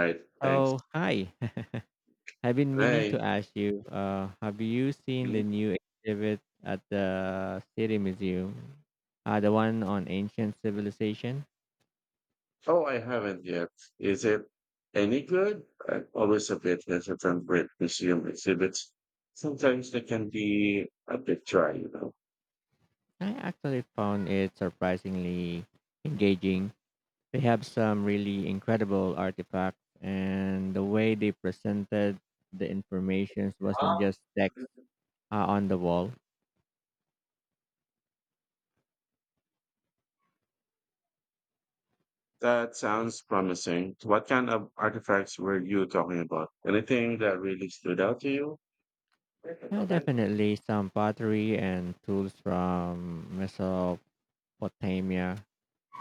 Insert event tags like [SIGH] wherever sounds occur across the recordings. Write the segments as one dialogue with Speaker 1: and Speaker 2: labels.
Speaker 1: Right, thanks.
Speaker 2: Oh, hi. [LAUGHS] I've been meaning to
Speaker 1: Hey.
Speaker 2: ask you, have you seen
Speaker 1: Hmm?
Speaker 2: the new exhibit at the City Museum? The one on ancient civilization?
Speaker 1: Oh, I haven't yet. Is it any good? I'm always a bit hesitant with museum exhibits. Sometimes they can be a bit dry,
Speaker 2: I actually found it surprisingly engaging. They have some really incredible artifacts, and the way they presented the information wasn't
Speaker 1: Ah.
Speaker 2: just text on the wall.
Speaker 1: That sounds promising. What kind of artifacts were you talking about? Anything that really stood out to you?
Speaker 2: Definitely some pottery and tools from Mesopotamia,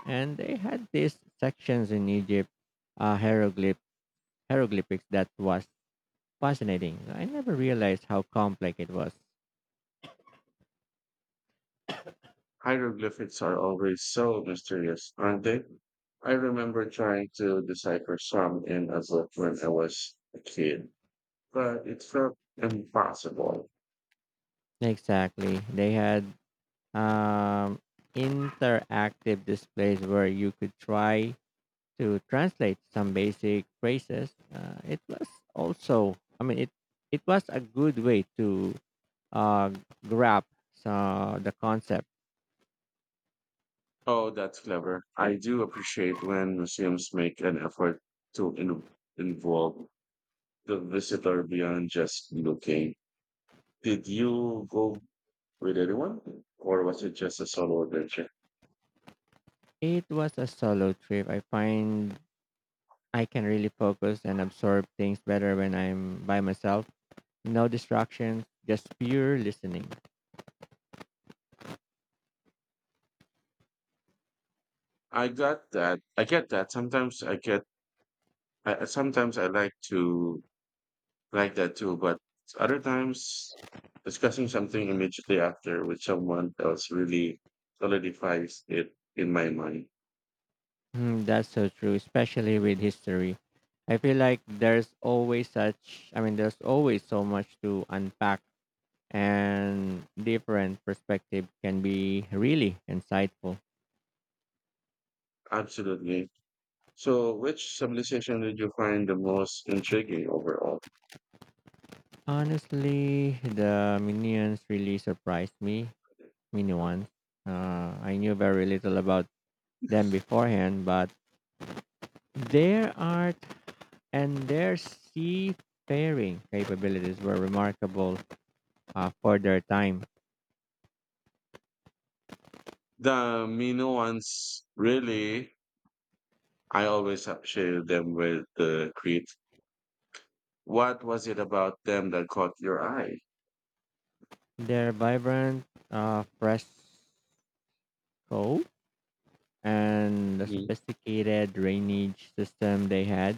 Speaker 2: and they had these sections in Egypt, uh, hieroglyph hieroglyphics that was fascinating. I never realized how complex it was.
Speaker 1: Hieroglyphics are always so mysterious, aren't they? I remember trying to decipher some in a book when I was a kid, but it's not impossible.
Speaker 2: Exactly, they had um, interactive displays where you could try to translate some basic phrases. It was also, I mean, it was a good way to uh, grab so the concept.
Speaker 1: Oh, that's clever. I do appreciate when museums make an effort to involve the visitor beyond just looking. Did you go with anyone or was it just a solo adventure?
Speaker 2: It was a solo trip. I find I can really focus and absorb things better when I'm by myself. No distractions, just pure listening.
Speaker 1: I got that. I get that. Sometimes I get, I- Sometimes I like to like that too, but other times discussing something immediately after with someone else really solidifies it in my mind.
Speaker 2: Hmm, that's so true, especially with history. I feel like there's always such, I mean, there's always so much to unpack, and different perspective can be really insightful.
Speaker 1: Absolutely. So, which civilization did you find the most intriguing overall?
Speaker 2: Honestly, the minions really surprised me. Minions. I knew very little about them beforehand, but there are, and their seafaring capabilities were remarkable for their time.
Speaker 1: The Minoans, really, I always associated them with the Crete. What was it about them that caught your eye?
Speaker 2: Their vibrant fresco and the sophisticated drainage system they had,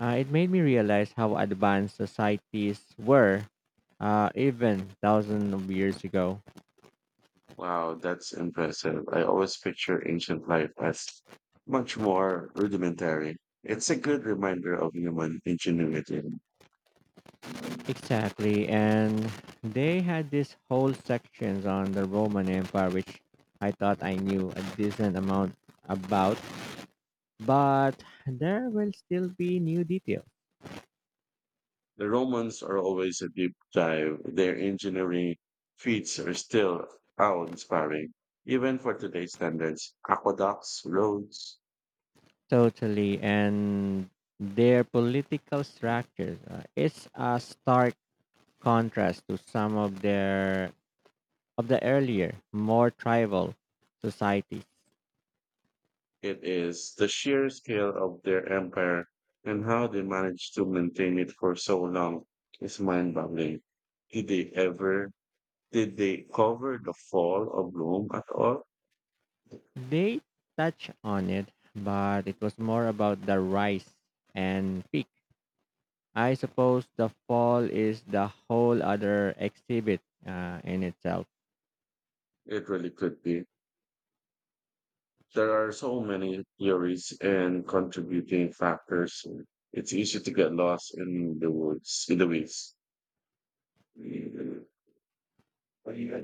Speaker 2: it made me realize how advanced societies were even thousands of years ago.
Speaker 1: Wow, that's impressive. I always picture ancient life as much more rudimentary. It's a good reminder of human ingenuity. The
Speaker 2: Exactly, and they had these whole sections on the Roman Empire, which I thought I knew a decent amount about, but there will still be new details.
Speaker 1: Romans are always a deep dive. Their engineering feats are still awe-inspiring, even for today's standards. Aqueducts, roads,
Speaker 2: Totally, and their political structures is a stark contrast to some of their of the earlier, more tribal societies.
Speaker 1: it is the sheer scale of their empire and how they managed to maintain it for so long is mind-boggling. Did they ever Did they cover the fall of Rome at all?
Speaker 2: They touch on it, but it was more about the rise and peak. I suppose the fall is the whole other exhibit in itself.
Speaker 1: It really could be. There are so many theories and contributing factors. It's easy to get lost in the woods, in the weeds.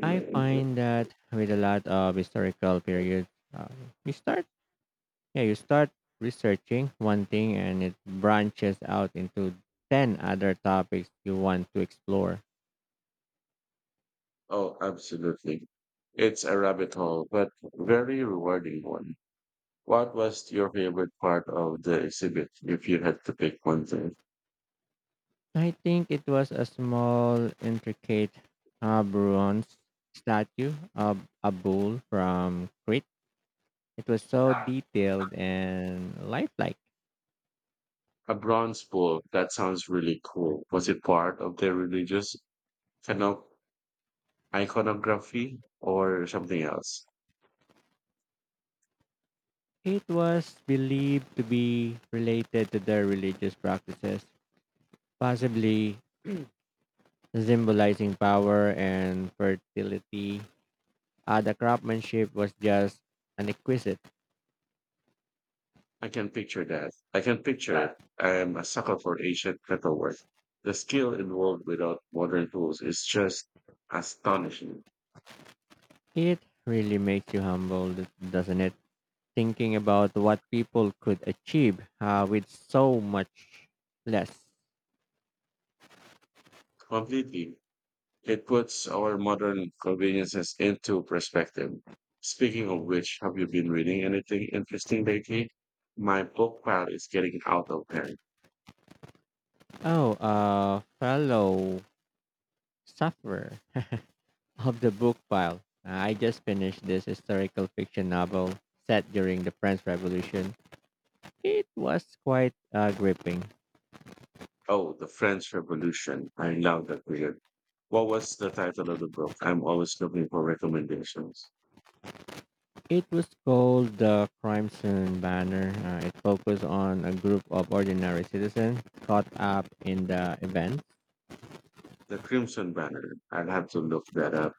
Speaker 2: I find that with a lot of historical periods, uh, you start, yeah, you start researching one thing and it branches out into 10 other topics you want to explore.
Speaker 1: Oh, absolutely. It's a rabbit hole, but very rewarding one. What was your favorite part of the exhibit, if you had to pick one thing?
Speaker 2: I think it was a small, intricate bronze statue of a bull from Crete. It was so detailed and lifelike.
Speaker 1: A bronze bull. That sounds really cool. Was it part of the religious cano- iconography or something else?
Speaker 2: It was believed to be related to their religious practices, possibly symbolizing power and fertility. The craftsmanship was just an exquisite.
Speaker 1: I can picture that. I can picture it. I am a sucker for ancient metalwork. The skill involved without modern tools is just astonishing.
Speaker 2: It really makes you humble, doesn't it? Thinking about what people could achieve with so much less.
Speaker 1: Completely. It puts our modern conveniences into perspective. Speaking of which, have you been reading anything interesting lately? My book pile is getting out of hand.
Speaker 2: Oh, fellow sufferer of the book pile. Ah, I just finished this historical fiction novel set during the French Revolution. It was quite gripping.
Speaker 1: Oh, the French Revolution. I love that period. What was the title of the book? I'm always looking for recommendations.
Speaker 2: It was called the Crime Scene Banner. It focused on a group of ordinary citizens caught up in the event.
Speaker 1: The Crimson Banner. I'll have to look that up.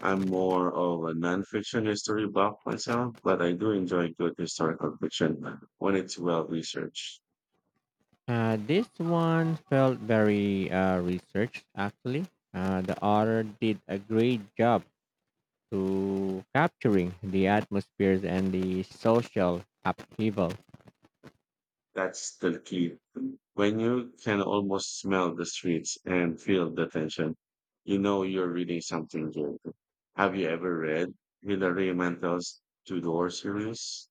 Speaker 1: I'm more of a nonfiction history buff myself, but I do enjoy good historical fiction when it's well researched.
Speaker 2: This one felt very researched, actually. The author did a great job to capturing the atmospheres and the social upheaval.
Speaker 1: That's the key. When you can almost smell the streets and feel the tension, you know you're reading something good. Have you ever read Hilary Mantel's Tudor series?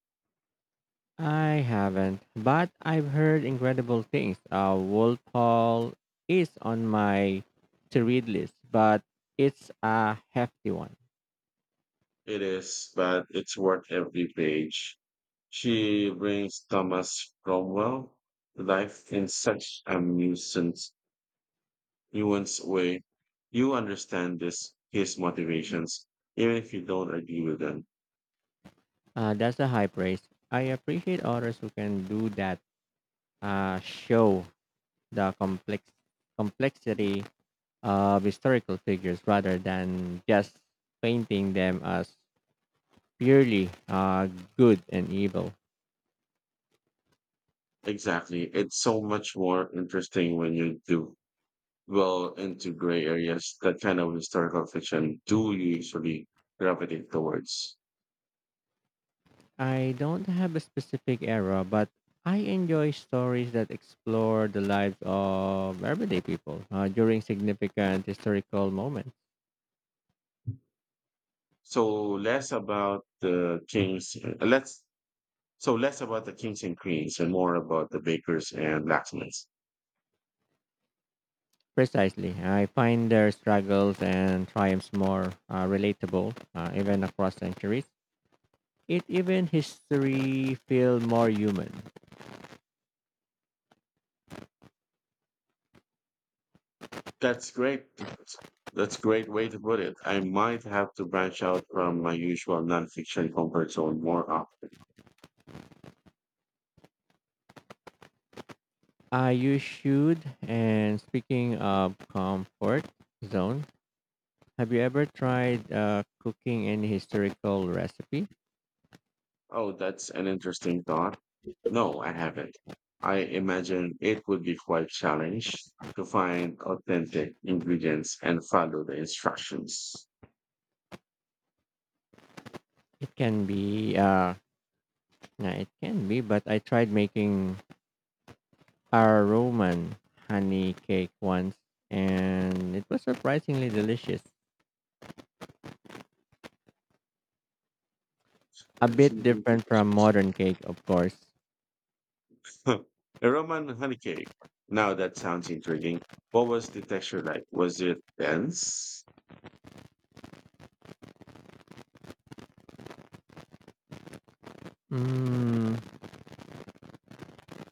Speaker 2: I haven't, but I've heard incredible things. Wolf Hall is on my to-read list, but it's a hefty one.
Speaker 1: It is, but it's worth every page. She brings Thomas Cromwell to life in such a nuanced way. You understand his motivations, even if you don't agree with them.
Speaker 2: That's a high praise. I appreciate authors who can do that. Show the complexity of historical figures rather than just painting them as purely good and evil.
Speaker 1: Exactly. It's so much more interesting when you do well into gray areas. That kind of historical fiction do you usually gravitate towards.
Speaker 2: I don't have a specific era, but I enjoy stories that explore the lives of everyday people during significant historical moments.
Speaker 1: So less about the kings. Let's So less about the kings and queens and more about the bakers and blacksmiths.
Speaker 2: Precisely. I find their struggles and triumphs more relatable, even across centuries. It even history feel more human.
Speaker 1: That's great. That's great way to put it. I might have to branch out from my usual nonfiction comfort zone more often.
Speaker 2: I use should, and speaking of comfort zone, have you ever tried cooking any historical recipe?
Speaker 1: Oh, that's an interesting thought. No, I haven't. I imagine it would be quite challenge to find authentic ingredients and follow the instructions.
Speaker 2: It can be Yeah, it can be, but I tried making our Roman honey cake once and it was surprisingly delicious. A bit different from modern cake, of course.
Speaker 1: Huh, a Roman honey cake. Now that sounds intriguing. What was the texture like? Was it dense?
Speaker 2: Mm,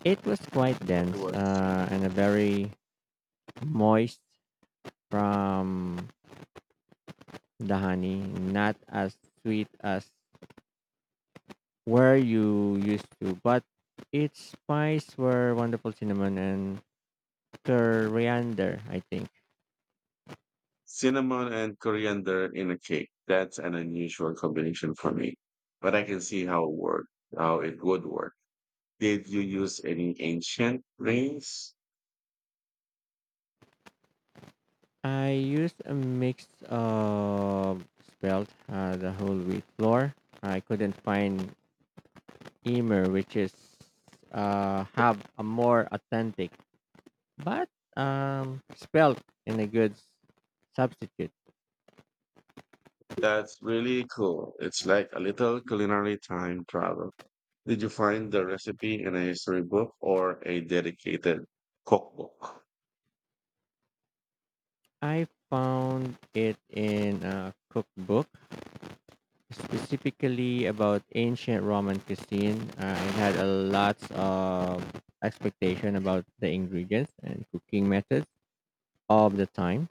Speaker 2: it was quite dense
Speaker 1: It was
Speaker 2: and a very moist from the honey, not as sweet as where you used to, but its spice were wonderful cinnamon and coriander, I think.
Speaker 1: cinnamon and coriander in a cake. That's an unusual combination for me, but I can see how it worked, how it would work. Did you use any ancient rings?
Speaker 2: I used a mix of spelt the whole wheat flour. I couldn't find Emer, which is have a more authentic, but spelt in a good substitute.
Speaker 1: That's really cool. It's like a little culinary time travel. Did you find the recipe in a history book or a dedicated cookbook?
Speaker 2: I found it in a cookbook specifically about ancient Roman cuisine. It had a lot of expectation about the ingredients and cooking methods of the time.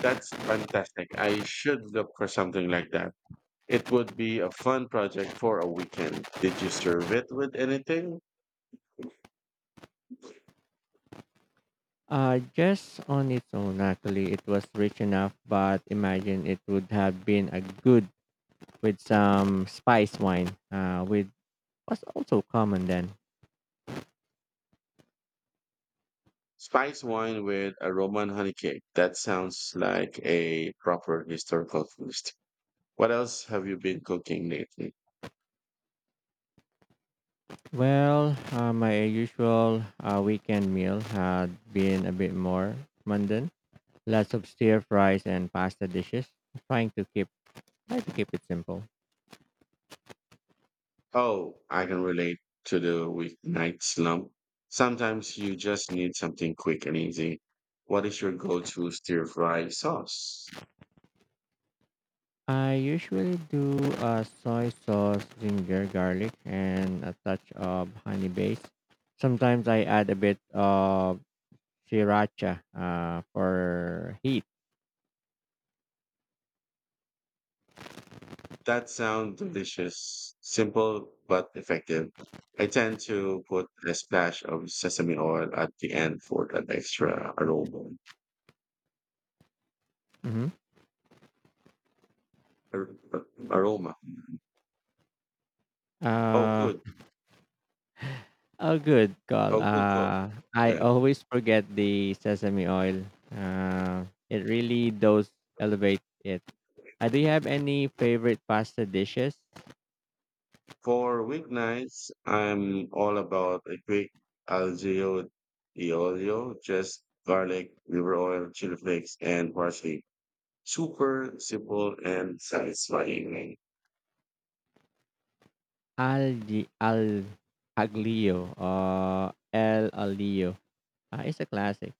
Speaker 1: That's fantastic. I should look for something like that. It would be a fun project for a weekend. Did you serve it with anything?
Speaker 2: Just on its own, actually, it was rich enough, but imagine it would have been a good with some spice wine, which was also common then.
Speaker 1: Spice wine with a Roman honey cake. That sounds like a proper historical feast. What else have you been cooking lately?
Speaker 2: Well, my usual weekend meal had been a bit more mundane. Lots of stir fries and pasta dishes. Trying to keep, try to keep it simple.
Speaker 1: Oh, I can relate to the weeknight slump. Sometimes you just need something quick and easy. What is your go-to stir fry sauce?
Speaker 2: I usually do a soy sauce, ginger, garlic, and a touch of honey base. Sometimes I add a bit of sriracha for heat.
Speaker 1: That sounds delicious, simple but effective. I tend to put a splash of sesame oil at the end for that extra aroma.
Speaker 2: Hmm.
Speaker 1: ar- Aroma. Oh,
Speaker 2: Uh,
Speaker 1: good.
Speaker 2: oh, good call.
Speaker 1: Good.
Speaker 2: I always forget the sesame oil. It really does elevate it. Do you have any favorite pasta dishes?
Speaker 1: For weeknights, I'm all about a quick algeo e olio, just garlic, liver oil, chili flakes, and parsley. Super simple and satisfying.
Speaker 2: Al di al aglio. El aglio. It's a classic.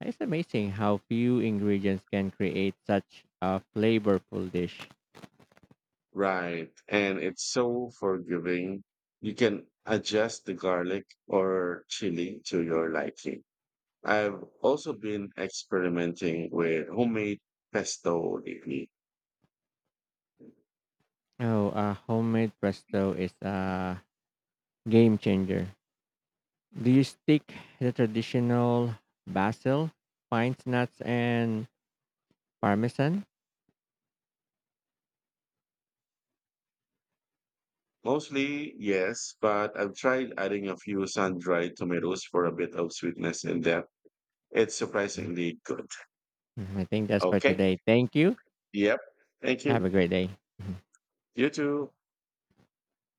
Speaker 2: It's amazing how few ingredients can create such a flavorful dish.
Speaker 1: Right. And it's so forgiving. You can adjust the garlic or chili to your liking. I've also been experimenting with homemade pesto lately.
Speaker 2: Oh, homemade presto is a game changer. Do you stick the traditional basil, pine nuts, and parmesan?
Speaker 1: Mostly, yes, but I've tried adding a few sun-dried tomatoes for a bit of sweetness and depth. It's surprisingly good.
Speaker 2: Mm, I think that's for
Speaker 1: Okay.
Speaker 2: today. Thank you.
Speaker 1: Yep. Thank
Speaker 2: Have
Speaker 1: you.
Speaker 2: a great day.
Speaker 1: You too.